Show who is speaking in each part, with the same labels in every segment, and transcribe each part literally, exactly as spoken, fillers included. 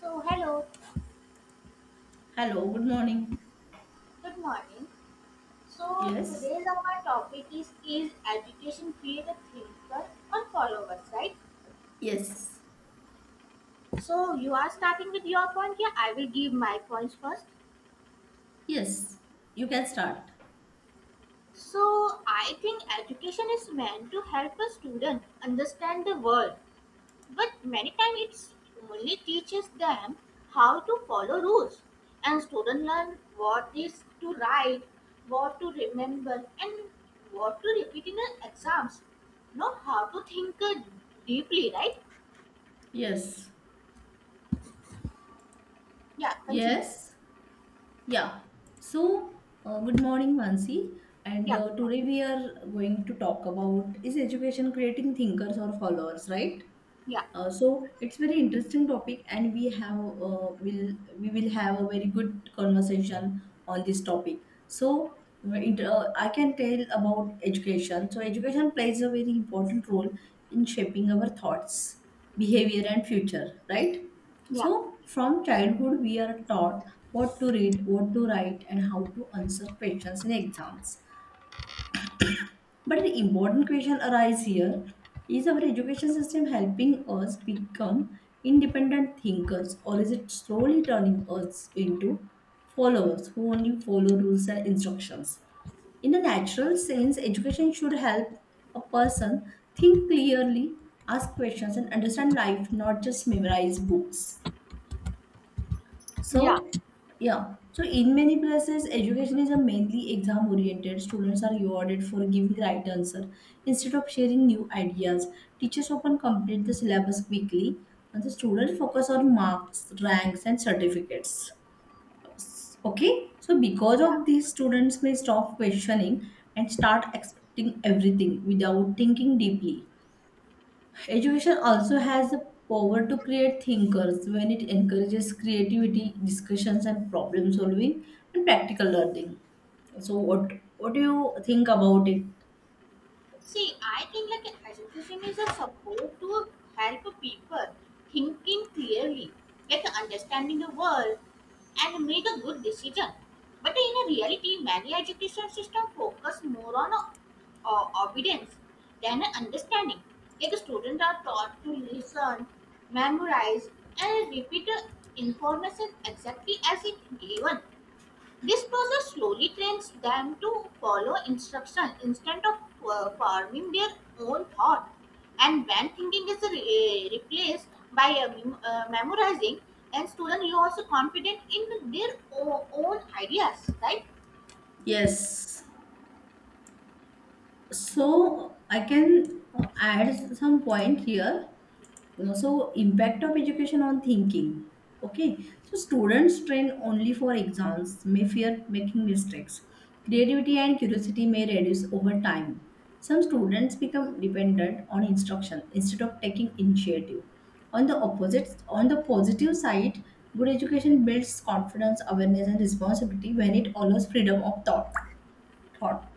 Speaker 1: So hello,
Speaker 2: Hello, good morning.
Speaker 1: good morning. So
Speaker 2: Yes,
Speaker 1: today's our topic is is education create a thinker or followers, right?
Speaker 2: Yes.
Speaker 1: So you are starting with your point here. I will give my points first.
Speaker 2: yes, you can start.
Speaker 1: So I think education is meant to help a student understand the world, but many times it's only teaches them how to follow rules, and students learn what is to write, what to remember, and what to repeat in the exams. Not how to think uh, deeply, right?
Speaker 2: Yes.
Speaker 1: Yeah, continue.
Speaker 2: Yes. Yeah, so uh, Good morning, Mansi. And
Speaker 1: Yeah, good
Speaker 2: uh, today
Speaker 1: morning.
Speaker 2: we are going to talk about is education creating thinkers or followers, right?
Speaker 1: Yeah,
Speaker 2: Uh, so it's very interesting topic, and we have uh, will we will have a very good conversation on this topic. So uh, it, uh, I can tell about education. So education plays a very important role in shaping our thoughts, behavior, and future. Right.
Speaker 1: yeah,
Speaker 2: So from childhood, we are taught what to read, what to write, and how to answer questions in exams. But an important question arises here is our education system helping us become independent thinkers, or is it slowly turning us into followers who only follow rules and instructions? In a natural sense, education should help a person think clearly, ask questions, and understand life, not just memorize books.
Speaker 1: yeah,
Speaker 2: So, yeah. So, in many places, education is a mainly exam oriented. Students are rewarded for giving right answer instead of sharing new ideas. Teachers often complete the syllabus quickly, and the students focus on marks, ranks, and certificates. Okay. So, because
Speaker 1: yeah.
Speaker 2: of this, students may stop questioning and start expecting everything without thinking deeply. Education also has the power to create thinkers when it encourages creativity, discussions, and problem solving and practical learning. So, what what do you think about it?
Speaker 1: See, I think like an education is a support to help people thinking clearly, like understanding the world and make a good decision. But in a reality, many education system focus more on uh, uh, obedience than understanding. Like students are taught to listen, memorize, and repeat the information exactly as it given. This process slowly trains them to follow instruction instead of uh, forming their own thought. And when thinking is re- replaced by uh, mem- uh, memorizing, and student is also confident in their o- own ideas, right?
Speaker 2: Yes. So I can uh, add some point here. No, so impact of education on thinking. Okay, so students trained only for exams may fear making mistakes. Creativity and curiosity may reduce over time. Some students become dependent on instruction instead of taking initiative. On the opposite, on the positive side, good education builds confidence, awareness, and responsibility when it allows freedom of thought. Thought.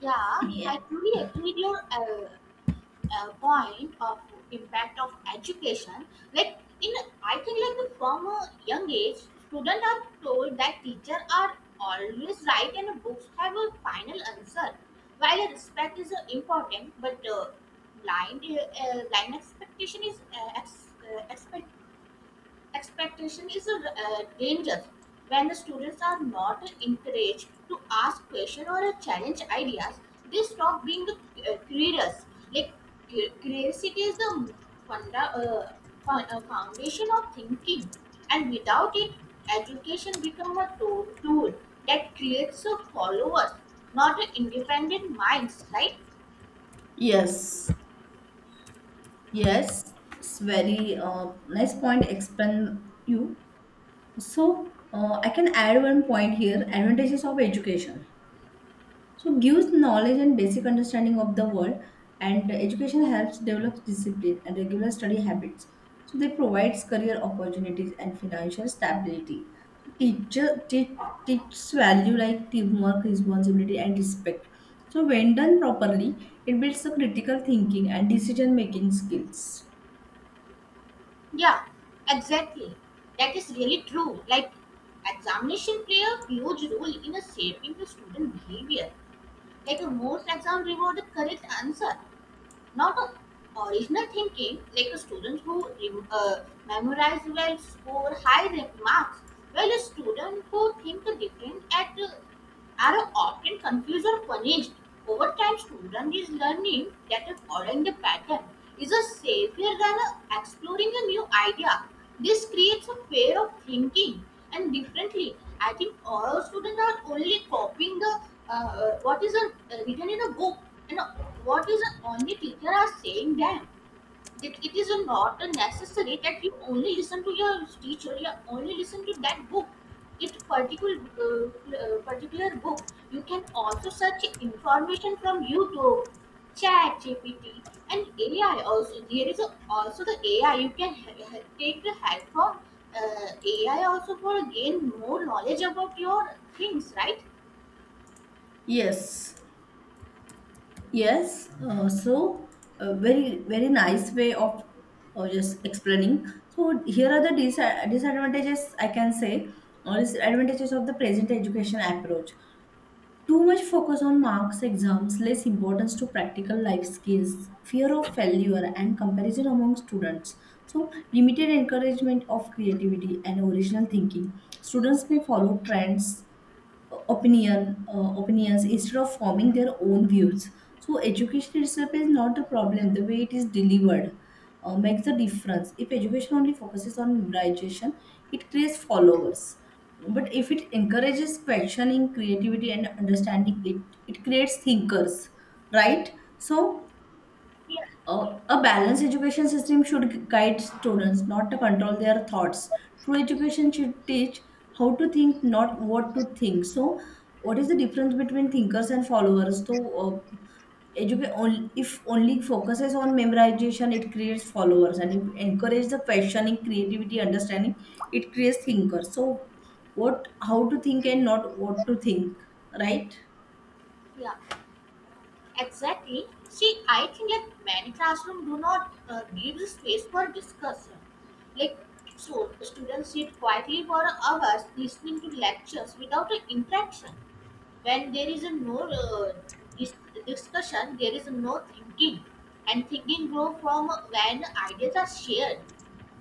Speaker 1: Yeah, I
Speaker 2: Yeah.
Speaker 1: truly agree with your uh, uh, point of impact of education. Like, in I think like the from a young age, students are told that teacher are always right and books have a final answer. While respect is uh, important, but uh, blind uh, uh, blind expectation is uh, ex- uh, Expectation is a uh, danger when the students are not encouraged to ask questions or uh, challenge ideas. They stop being uh, curious. Like, cu- curiosity is the funda, uh, fo- uh, foundation of thinking, and without it, education becomes a tool, tool that creates a followers, not a independent minds. Right?
Speaker 2: Yes, yes, it's very uh, nice point. Explain you. So uh, I can add one point here. Advantages of education. So gives knowledge and basic understanding of the world, and education helps develop discipline and regular study habits. So they provides career opportunities and financial stability. Teacher teach, teaches value like teamwork, responsibility, and respect. So when done properly, it builds the critical thinking and decision making skills.
Speaker 1: Yeah, exactly. That is really true. Like, examination play a huge role in a shaping the student behavior. Like, a most exam reward the correct answer, not a original thinking. Like, a student who re- uh, memorize well score high re- marks, while a student who think different at uh, are often confused or punished. Over time, student is learning that following the pattern is a safer than uh, exploring a new idea. This creates a pair of thinking and differently. I think all students are only copying the uh, uh, what is uh, written in a book, and uh, what is uh, only teacher are saying them. It, it is not necessary that you only listen to your teacher, you only listen to that book, it particular uh, uh, particular book. You can also search information from YouTube, chat gpt and AI. Also there is a, also the AI, you can ha- ha- take the help from uh, AI also for gain more knowledge about your things, right?
Speaker 2: Yes, yes. Uh, so, a very very nice way of uh, just explaining. So here are the disa- disadvantages I can say, or disadvantages of the present education approach. Too much focus on marks, exams, less importance to practical life skills, fear of failure, and comparison among students. So, limited encouragement of creativity and original thinking. Students may follow trends opinion uh, opinions instead of forming their own views. So education itself is not the problem, the way it is delivered uh, makes the difference. If education only focuses on memorization, it creates followers, but if it encourages questioning, creativity, and understanding, it it creates thinkers, right? So
Speaker 1: Yeah,
Speaker 2: uh, a balanced education system should guide students, not to control their thoughts. True education should teach how to think, not what to think. So, what is the difference between thinkers and followers? So, uh, educate only if only focuses on memorization, it creates followers, and if encourage the questioning, creativity, understanding, it creates thinkers. So, what, how to think and not what to think, right?
Speaker 1: yeah, exactly. See, I think like many classrooms do not uh, give the space for discussion. Like, so students sit quietly for hours listening to lectures without an interaction. When there is a no uh, dis- discussion, there is no thinking, and thinking grows from when ideas are shared,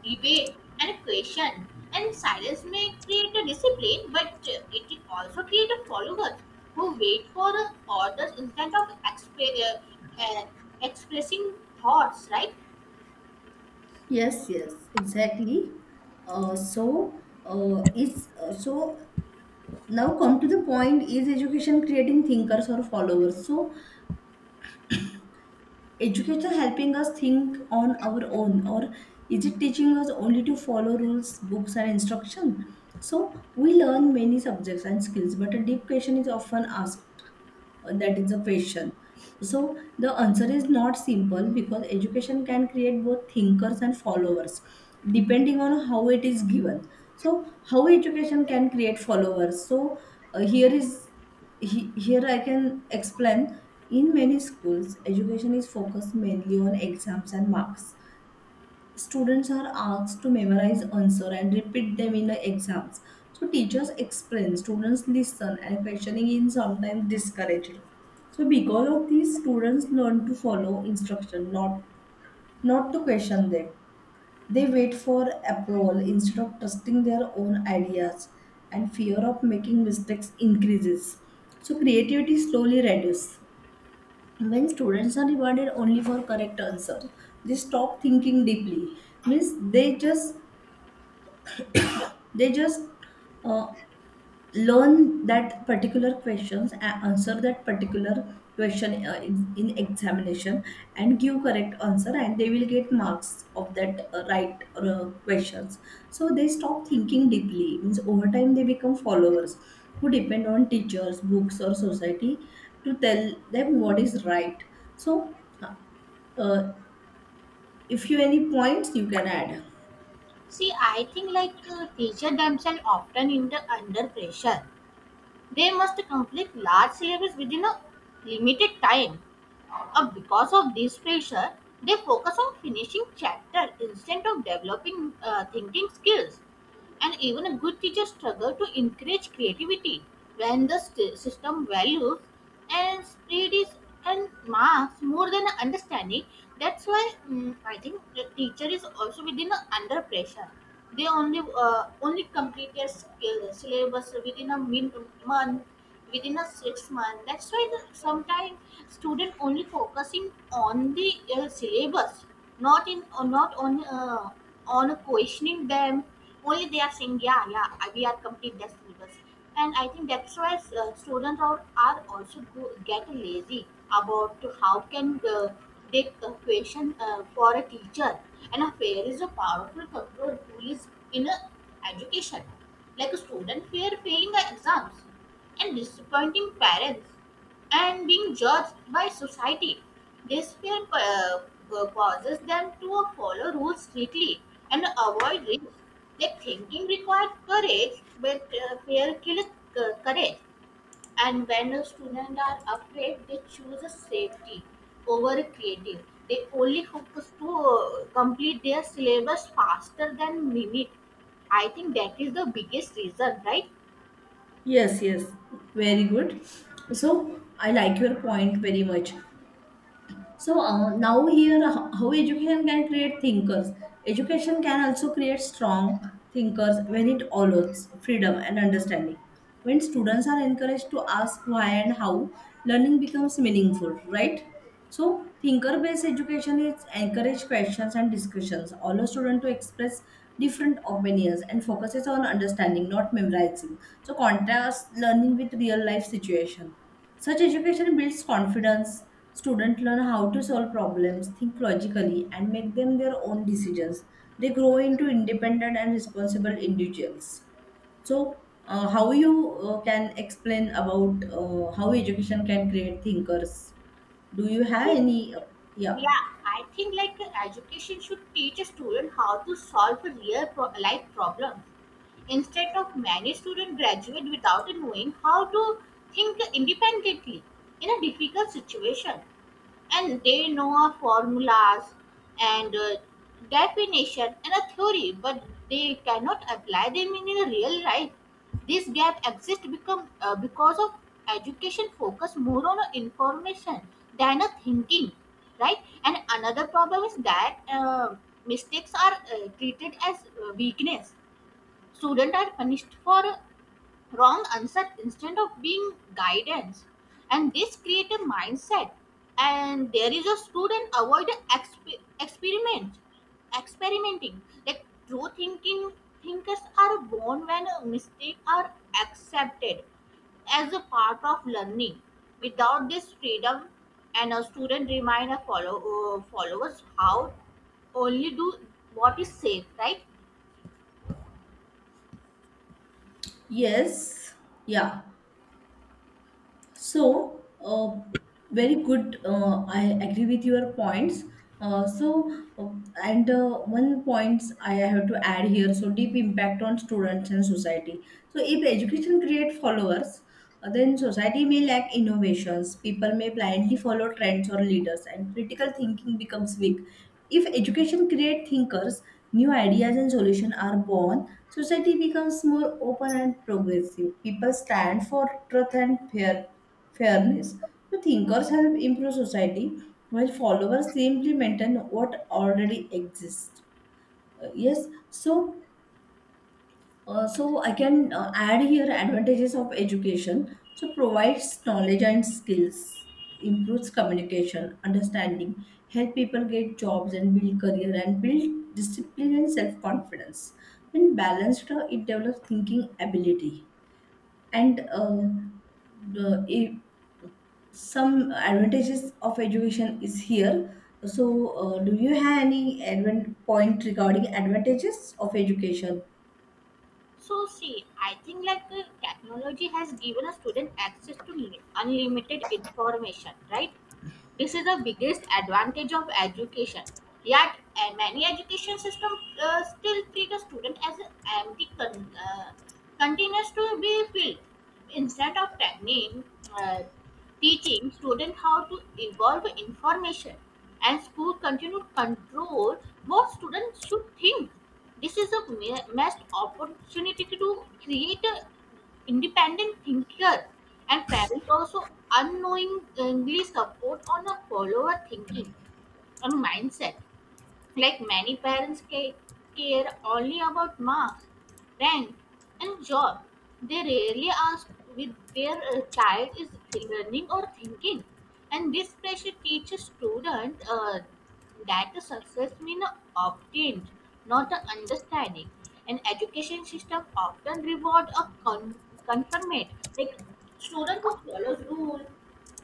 Speaker 1: debate, and question. And silence may create a discipline, but uh, it can also create a followers who wait for uh, orders instead of exp- uh, uh, expressing thoughts. Right?
Speaker 2: Yes, yes, exactly. Uh, so uh, it's uh, so Now come to the point: is education creating thinkers or followers? So educator helping us think on our own, or is it teaching us only to follow rules, books, and instruction? So we learn many subjects and skills, but a deep question is often asked. Uh, that is the question. So the answer is not simple, because education can create both thinkers and followers depending on how it is given. So how education can create followers. So uh, here is he, here I can explain. In many schools, education is focused mainly on exams and marks. Students are asked to memorize answer and repeat them in the exams. So teachers explain, students listen, and questioning is sometimes discouraged. So because of this, students learn to follow instruction, not not to question them. They wait for approval instead of trusting their own ideas, and fear of making mistakes increases. So, creativity slowly reduces. When students are rewarded only for correct answers, they stop thinking deeply. Means they just they just uh, learn that particular questions and answer that particular question uh, in, in examination and give correct answer, and they will get marks of that uh, right uh, questions. So they stop thinking deeply. Means over time they become followers who depend on teachers, books, or society to tell them what is right. So uh, uh, if you any points you can add.
Speaker 1: See, I think like uh, teachers themselves often in the under pressure. They must complete large syllabus within a limited time. Uh, because of this pressure, they focus on finishing chapter instead of developing uh, thinking skills. And even a good teacher struggle to encourage creativity when the st- system values and studies and marks more than understanding. That's why mm, I think the teacher is also within a under pressure. They only uh, only complete their skill, syllabus within a min- month, within a six month. That's why the, sometimes student only focusing on the uh, syllabus, not in or not on uh, on questioning them. Only they are saying, yeah, yeah, I- we are complete their syllabus. And I think that's why uh, students are, are also go, get lazy about how can uh, they uh, question uh, for a teacher. And a fear is a powerful control tool is in a education. Like a student fear failing the exams and disappointing parents and being judged by society. This fear uh, uh, causes them to follow rules strictly and avoid risk. Their thinking required courage, but uh, fear kills uh, courage. And when a student are afraid, they choose a safety over a creative. They only focus to uh, complete their syllabus faster than mimic. I think that is the biggest reason, right?
Speaker 2: Yes, yes, very good. So I like your point very much. So uh, now here, ho- how education can create thinkers. Education can also create strong thinkers when it allows freedom and understanding. When students are encouraged to ask why and how, learning becomes meaningful, right? So thinker-based education is encourage questions and discussions, allow students to express different opinions and focuses on understanding, not memorizing. So contrast learning with real life situation. Such education builds confidence. Students learn how to solve problems, think logically, and make them their own decisions. They grow into independent and responsible individuals. So, uh, how you uh, can explain about uh, how education can create thinkers? Do you have
Speaker 1: See,
Speaker 2: any? Uh, yeah.
Speaker 1: yeah, I think like uh, education should teach a student how to solve a real pro- life problems. Instead of many students graduate without knowing how to think independently in a difficult situation, and they know of formulas and uh, definition and a theory, but they cannot apply them in a real life. This gap exists become uh, because of education focus more on information than a thinking, right? And another problem is that uh, mistakes are uh, treated as uh, weakness. Students are punished for uh, wrong answer instead of being guidance, and this create a mindset, and there is a student avoid exp- experiment experimenting. Like, true thinking thinkers are born when a mistake are accepted as a part of learning. Without this freedom, and a student remind a follow, uh, followers how only do what is safe, right?
Speaker 2: Yes. Yeah. So, uh, very good. Uh, I agree with your points. Uh, so, uh, and uh, One points I have to add here. So, deep impact on students and society. So, if education create followers, uh, then society may lack innovations. People may blindly follow trends or leaders, and critical thinking becomes weak. If education creates thinkers, new ideas and solutions are born, society becomes more open and progressive. People stand for truth and fair, fairness. So thinkers help improve society, while followers simply maintain what already exists. Uh, yes, so uh, so I can uh, add here advantages of education. So provides knowledge and skills, improves communication, understanding, help people get jobs and build career and build discipline and self confidence. When balanced, uh, it develops thinking ability and uh, the, if some advantages of education is here. So uh, do you have any advent point regarding advantages of education?
Speaker 1: So see, I think like uh, technology has given a student access to mi- unlimited information, right? This is the biggest advantage of education. Yet, uh, many education systems uh, still treat a student as an empty con- uh, containers to be filled. Instead of technique, uh, teaching students how to evolve information, and school continue to control what students should think. This is a ma- missed opportunity to create a independent thinker. And parents also unknowingly support on a follower thinking and mindset. Like, many parents ca- care only about marks, rank, and job. They rarely ask with their uh, child is th- learning or thinking. And this pressure teaches student uh, that the success means obtained, not a understanding. And education system often reward a con- conformate, like student who follows rule,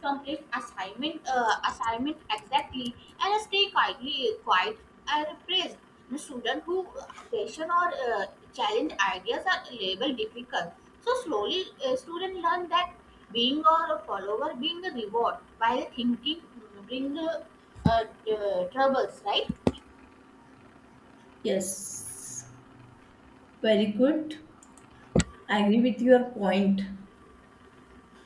Speaker 1: complete assignment uh, assignment exactly and stay quietly quiet and praised. The students who uh, question or uh, challenge ideas are labeled difficult. So slowly, uh, students learn that being or a follower being a reward, while thinking mm, bring uh, uh, uh, troubles, right?
Speaker 2: Yes. Very good. I agree with your point.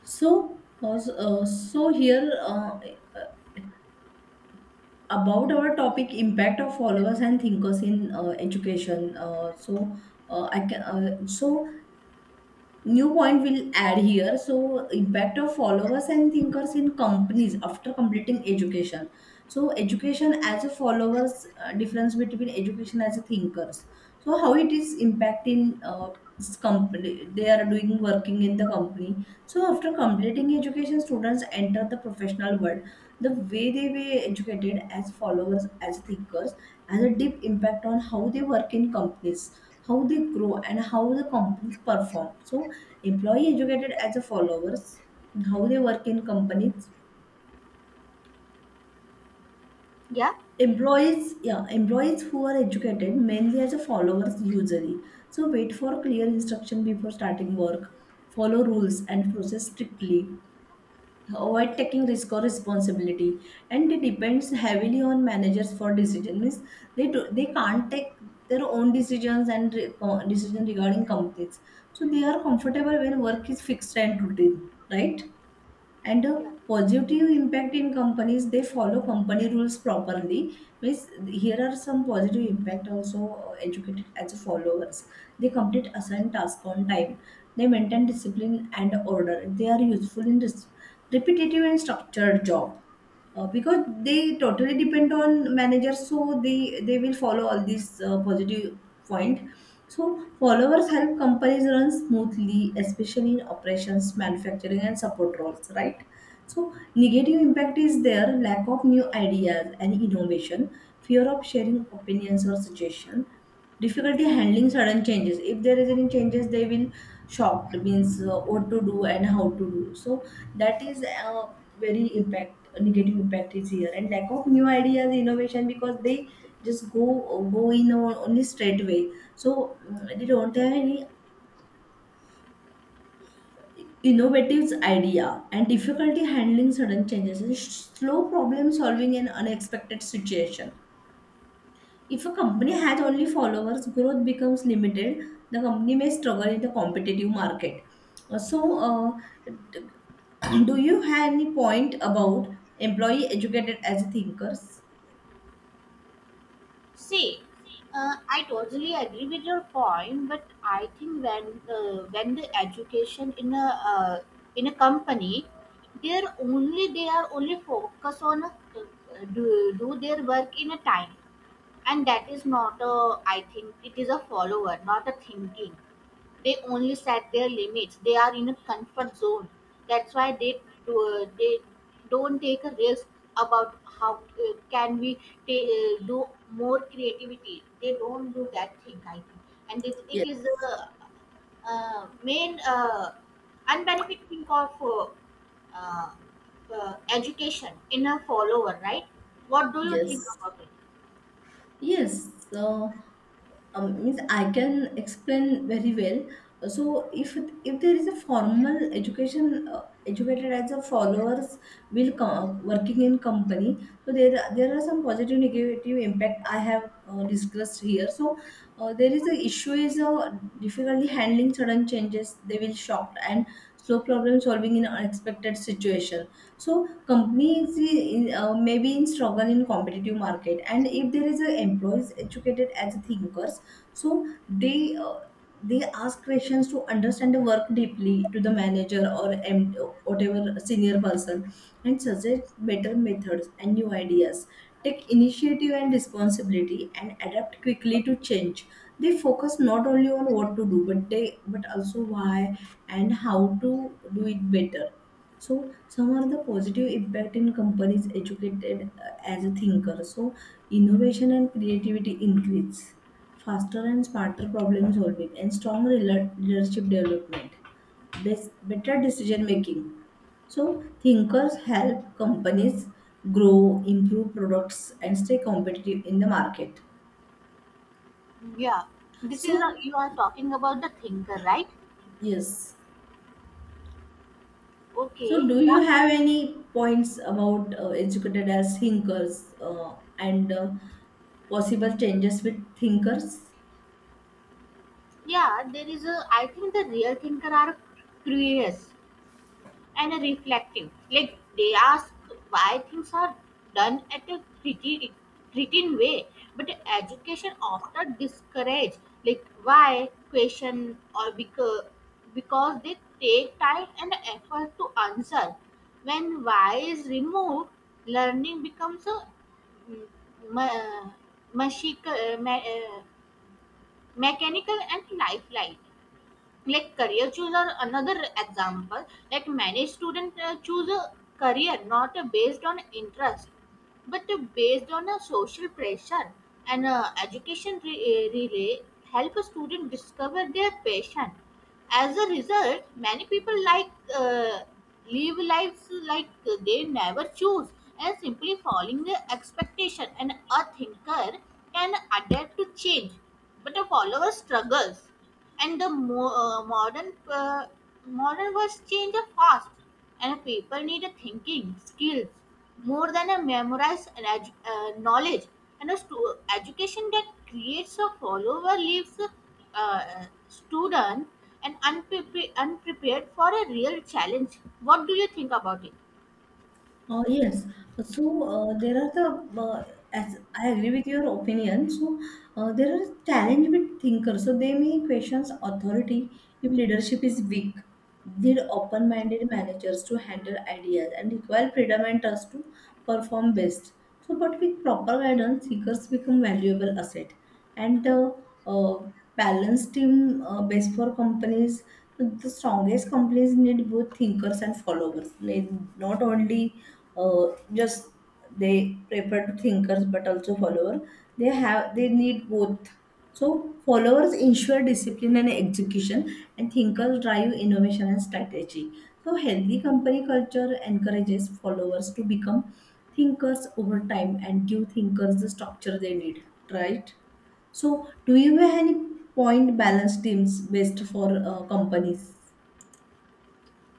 Speaker 2: So, uh, so here uh, about our topic impact of followers and thinkers in uh, education. Uh, so uh, I can uh, so new point we'll add here. So impact of followers and thinkers in companies after completing education. So education as a followers, uh, difference between education as a thinkers. So how it is impacting uh, this company they are doing working in the company. So after completing education students enter the professional world. The way they were educated as followers as thinkers has a deep impact on how they work in companies, how they grow, and how the companies perform. So employee educated as a followers, how they work in companies.
Speaker 1: Yeah.
Speaker 2: Employees, yeah, employees who are educated mainly as a followers usually. So wait for clear instruction before starting work, follow rules and process strictly, avoid taking risk or responsibility, and it depends heavily on managers for decision. Means they do they can't take their own decisions and re- co- decision regarding companies. So they are comfortable when work is fixed and routine, right? And a positive impact in companies, they follow company rules properly. Means here are some positive impact also, uh, educated as followers. They complete assigned task on time, they maintain discipline and order, they are useful in this repetitive and structured job, uh, because they totally depend on managers, so they they will follow all these uh, positive point. So followers help companies run smoothly, especially in operations, manufacturing, and support roles, right? So, negative impact is there: lack of new ideas and innovation, fear of sharing opinions or suggestion, difficulty handling sudden changes. If there is any changes, they will shocked. Means uh, what to do and how to do. So that is uh, very impact, negative impact is here, and lack of new ideas, innovation, because they just go go in on- only straight way. So mm, they don't have any innovative idea, and difficulty handling sudden changes, and sh- slow problem solving in unexpected situation. If a company has only followers, growth becomes limited. The company may struggle in the competitive market. Uh, So, uh, d- do you have any point about employee educated as thinkers?
Speaker 1: See, uh, I totally agree with your point, but I think when uh, when the education in a uh, in a company, they're only they are only focus on uh, do do their work in a time, and that is not a I think it is a follower, not a thinking. They only set their limits. They are in a comfort zone. That's why they do, they don't take a risk about how uh, can we ta- uh, do more creativity. They don't do that thing, I think, and it, it is
Speaker 2: Yes.
Speaker 1: the uh, main uh, unbenefit thing of uh, uh, uh, education in a follower, right? What do you think
Speaker 2: Yes.
Speaker 1: about it?
Speaker 2: Yes. Uh, um, means I can explain very well. So if if there is a formal education uh, educated as a followers will come working in company, so there are- there are some positive negative impact I have uh, discussed here. So uh, there is a issue is uh, difficulty handling sudden changes. They will shocked and slow problem solving in unexpected situation. So companies in, uh, may be in struggle in competitive market, and if there is a employees educated as thinkers, so they uh, they ask questions to understand the work deeply to the manager or M- whatever senior person, and suggest better methods and new ideas, take initiative and responsibility, and adapt quickly to change. They focus not only on what to do, but they but also why and how to do it better. So some are the positive impact in companies educated uh, as a thinker. So innovation and creativity increase, faster and smarter problem solving, and strong rela- leadership development, best, better decision making. So thinkers help companies grow, improve products, and stay competitive in the market.
Speaker 1: Yeah, this is
Speaker 2: So
Speaker 1: a, you are talking about the thinker, right?
Speaker 2: yes. So,
Speaker 1: Okay,
Speaker 2: do you
Speaker 1: yeah.
Speaker 2: have any points about uh, educated as thinkers uh, and uh, possible changes with thinkers?
Speaker 1: Yeah, there is a I think the real thinker are curious and reflective. Like, they ask why things are done at a criti- certain way, but education often discourage like why question or because because they take time and effort to answer. When why is removed, learning becomes a mm, ma- machica- ma- uh, mechanical and lifelike, like career choose. Or another example, like, many students uh, choose a career not uh, based on interest, but uh, based on a social pressure. And uh, education re- uh, relay help a student discover their passion. As a result, many people like uh, live lives like they never choose, and simply following the expectation. And a thinker can adapt to change, but a follower struggles. And the mo- uh, modern uh, modern words change fast, and people need a thinking skills more than a memorized and edu- uh, knowledge. And a stu- education that creates a follower leaves a uh, student and unpre- unprepared for a real challenge. What do you think about it?
Speaker 2: Uh, yes. So uh, there are the uh, as I agree with your opinion. So uh, there are challenge with thinkers. So they may questions authority if leadership is weak. Need open-minded managers to handle ideas and require freedom and trust to perform best. So, but with proper guidance, thinkers become valuable asset. And the uh, balanced team uh, best for companies. The strongest companies need both thinkers and followers. They not only uh, just they prefer to thinkers but also follower. They have they need both. So followers ensure discipline and execution, and thinkers drive innovation and strategy. So healthy company culture encourages followers to become thinkers over time and give thinkers the structure they need, right? So, do you have any point balance teams best for uh, companies?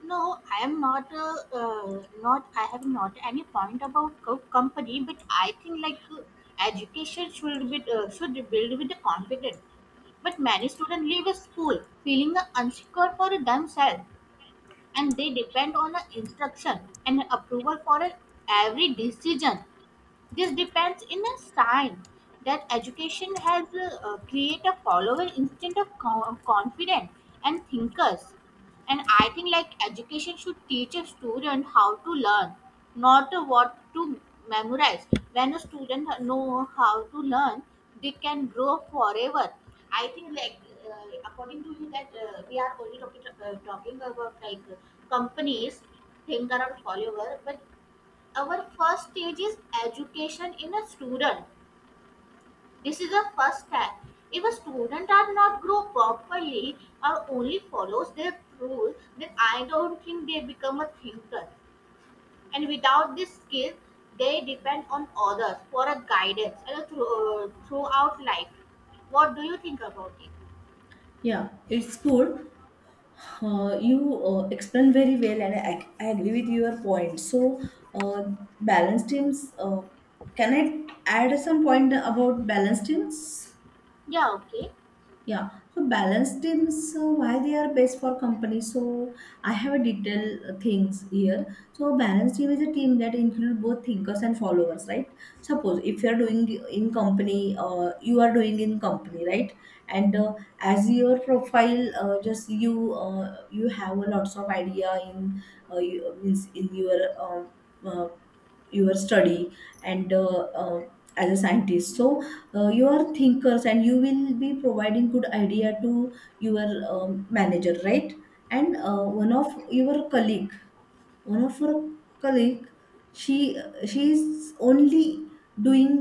Speaker 1: No, I am not a uh, not. I have not any point about co- company, but I think like uh, education should be uh, should be built with the confidence. But many students leave a school feeling uh, unsecure for themselves, and they depend on the instruction and approval for uh, every decision. This depends in a sign that education has uh, uh, create a follower instead of co- confident and thinkers. And I think like education should teach a student how to learn, not what to memorize. When a student know how to learn, they can grow forever. I think like uh, according to you that uh, we are only talking, uh, talking about like companies think around follower, but our first stage is education in a student. This is the first step. If a student does not grow properly or only follows their rules, then I don't think they become a thinker. And without this skill, they depend on others for a guidance and a thro- uh, throughout life. What do you think about it?
Speaker 2: Yeah, it's good. Uh, you uh, explain very well, and I, I agree with your point. So, uh, balance teams. Uh, can I add some point about balance teams?
Speaker 1: Yeah, okay.
Speaker 2: Yeah, so balance teams, uh, why they are best for companies. So I have a detailed uh, things here. So balance team is a team that include both thinkers and followers, right? Suppose if you are doing in company, uh, you are doing in company, right? And uh, as your profile, uh, just you uh, you have a lots of idea in uh, you, means in your uh, uh, your study and uh, uh, as a scientist. So uh, you are thinkers and you will be providing good idea to your um, manager, right? And uh, one of your colleague, one of her colleague she she is only doing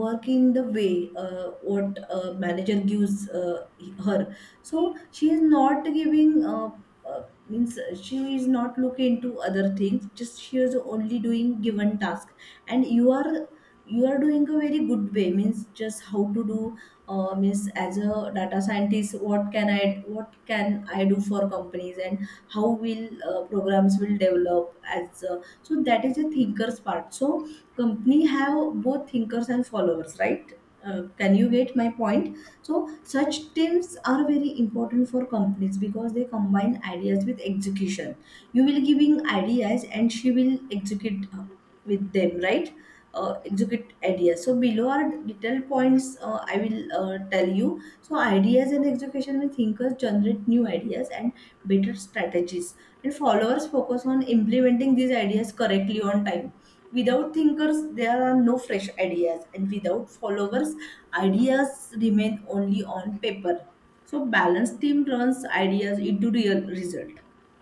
Speaker 2: work in the way uh, what uh, manager gives uh, her. So she is not giving uh, uh, means she is not looking into other things, just she is only doing given task. And you are you are doing a very good way, means just how to do, uh, means as a data scientist, what can i what can I do for companies, and how will uh, programs will develop as uh, so that is a thinkers part. So company have both thinkers and followers, right? Uh, can you get my point? So such teams are very important for companies because they combine ideas with execution. You will giving ideas and she will execute uh, with them, right? Uh, execute ideas. So below are detailed points uh, I will uh, tell you. So, ideas in execution: when thinkers generate new ideas and better strategies, and followers focus on implementing these ideas correctly on time. Without thinkers, there are no fresh ideas, and without followers, ideas remain only on paper. So, balanced team turns ideas into real result,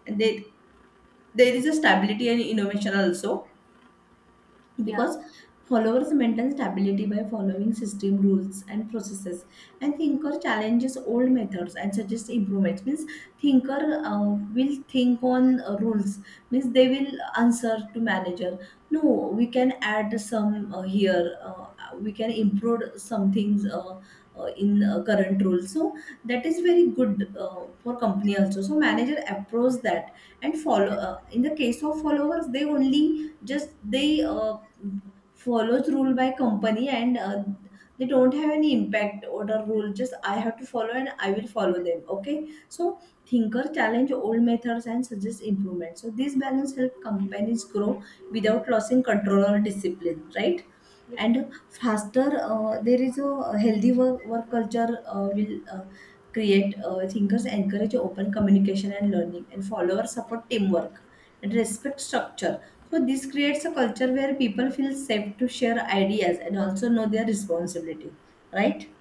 Speaker 2: and they, there is a stability and innovation also,
Speaker 1: Yeah,
Speaker 2: because followers maintain stability by following system rules and processes, and thinker challenges old methods and suggests improvements. Means thinker uh, will think on uh, rules, means they will answer to manager, no, we can add some uh, here uh, we can improve some things uh, uh, in uh, current rules. So that is very good uh, for company also, so manager approves that. And follow uh, in the case of followers, they only just they uh, follows rule by company. And uh, they don't have any impact order rule, just I have to follow and I will follow them, okay? So thinker challenge old methods and suggest improvement. So this balance help companies grow without losing control or discipline, right?
Speaker 1: yeah,
Speaker 2: And faster, uh, there is a healthy work, work culture uh, will uh, create. Uh, thinkers encourage open communication and learning, and followers support teamwork and respect structure. So this creates a culture where people feel safe to share ideas and also know their responsibility, right?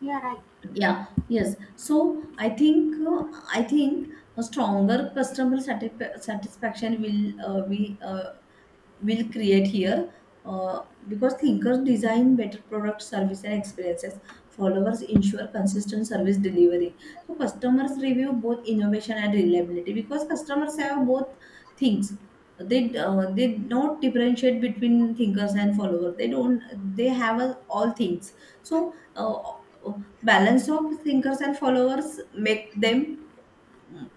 Speaker 1: yeah, right.
Speaker 2: Yeah, yes. So I think uh, I think a stronger customer satisfa- satisfaction will uh, be uh, will create here, uh, because thinkers design better products, service and experiences, followers ensure consistent service delivery. So customers review both innovation and reliability, because customers have both things. They uh, they not differentiate between thinkers and followers. They don't, they have a, all things. So uh, balance of thinkers and followers make them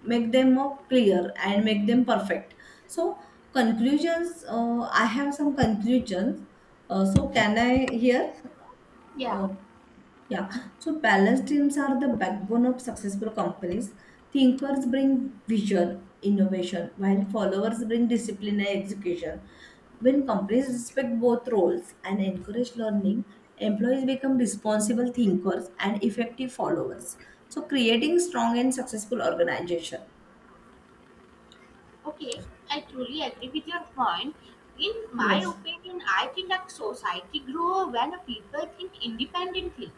Speaker 2: make them more clear and make them perfect. So conclusions, uh, I have some conclusions, uh, so can I hear?
Speaker 1: Yeah.
Speaker 2: uh, yeah. So balanced teams are the backbone of successful companies. Thinkers bring vision innovation, while followers bring discipline and execution. When companies respect both roles and encourage learning, employees become responsible thinkers and effective followers, so creating strong and successful organization.
Speaker 1: Okay, I truly agree with your point. In my
Speaker 2: Yes,
Speaker 1: opinion, I think that society grow when people think independently,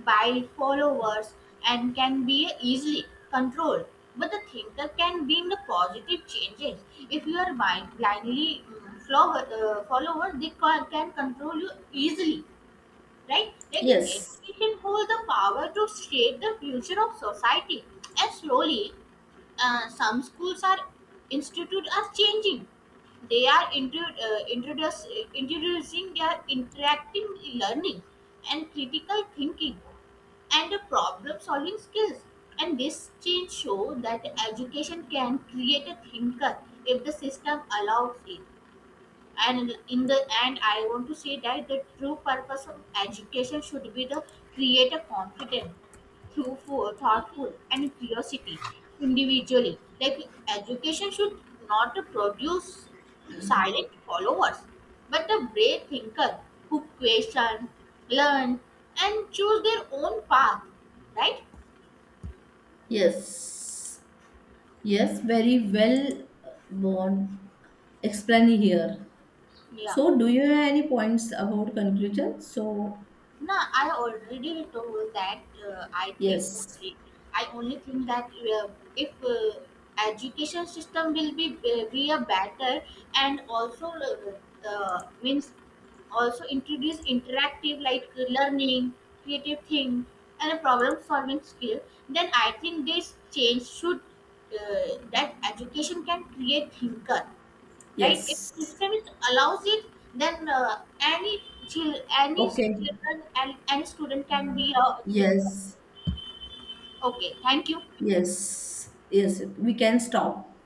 Speaker 1: by followers, and can be easily controlled. But the thinker can bring the positive changes. If you are blind, blindly mm, follower, uh, follower, they ca- can control you easily, right? Like,
Speaker 2: yes,
Speaker 1: education holds the power to shape the future of society, and slowly uh, some schools are institute are changing. They are intro- uh, introduce, introducing their interactive learning and critical thinking and the problem solving skills. And this change show that education can create a thinker if the system allows it. And in the end, I want to say that the true purpose of education should be to create a confident thoughtful thoughtful and curiosity individually. Like, education should not produce silent followers, but a brave thinker who question, learn, and choose their own path, right?
Speaker 2: yes, yes, very well uh, born explain here.
Speaker 1: Yeah.
Speaker 2: So, do you have any points about conclusion? So,
Speaker 1: No, I already told that uh, I think
Speaker 2: yes,
Speaker 1: only. I only think that uh, if uh, education system will be be a better, and also uh, uh, means also introduce interactive like learning, creative thing, and a problem solving skill, then I think this change should uh, that education can create thinker, right? If
Speaker 2: yes,
Speaker 1: syllabus allows it, then uh, any child, any
Speaker 2: okay,
Speaker 1: children, and any student can be a thinker.
Speaker 2: yes,
Speaker 1: Okay, thank you.
Speaker 2: yes, yes, we can stop.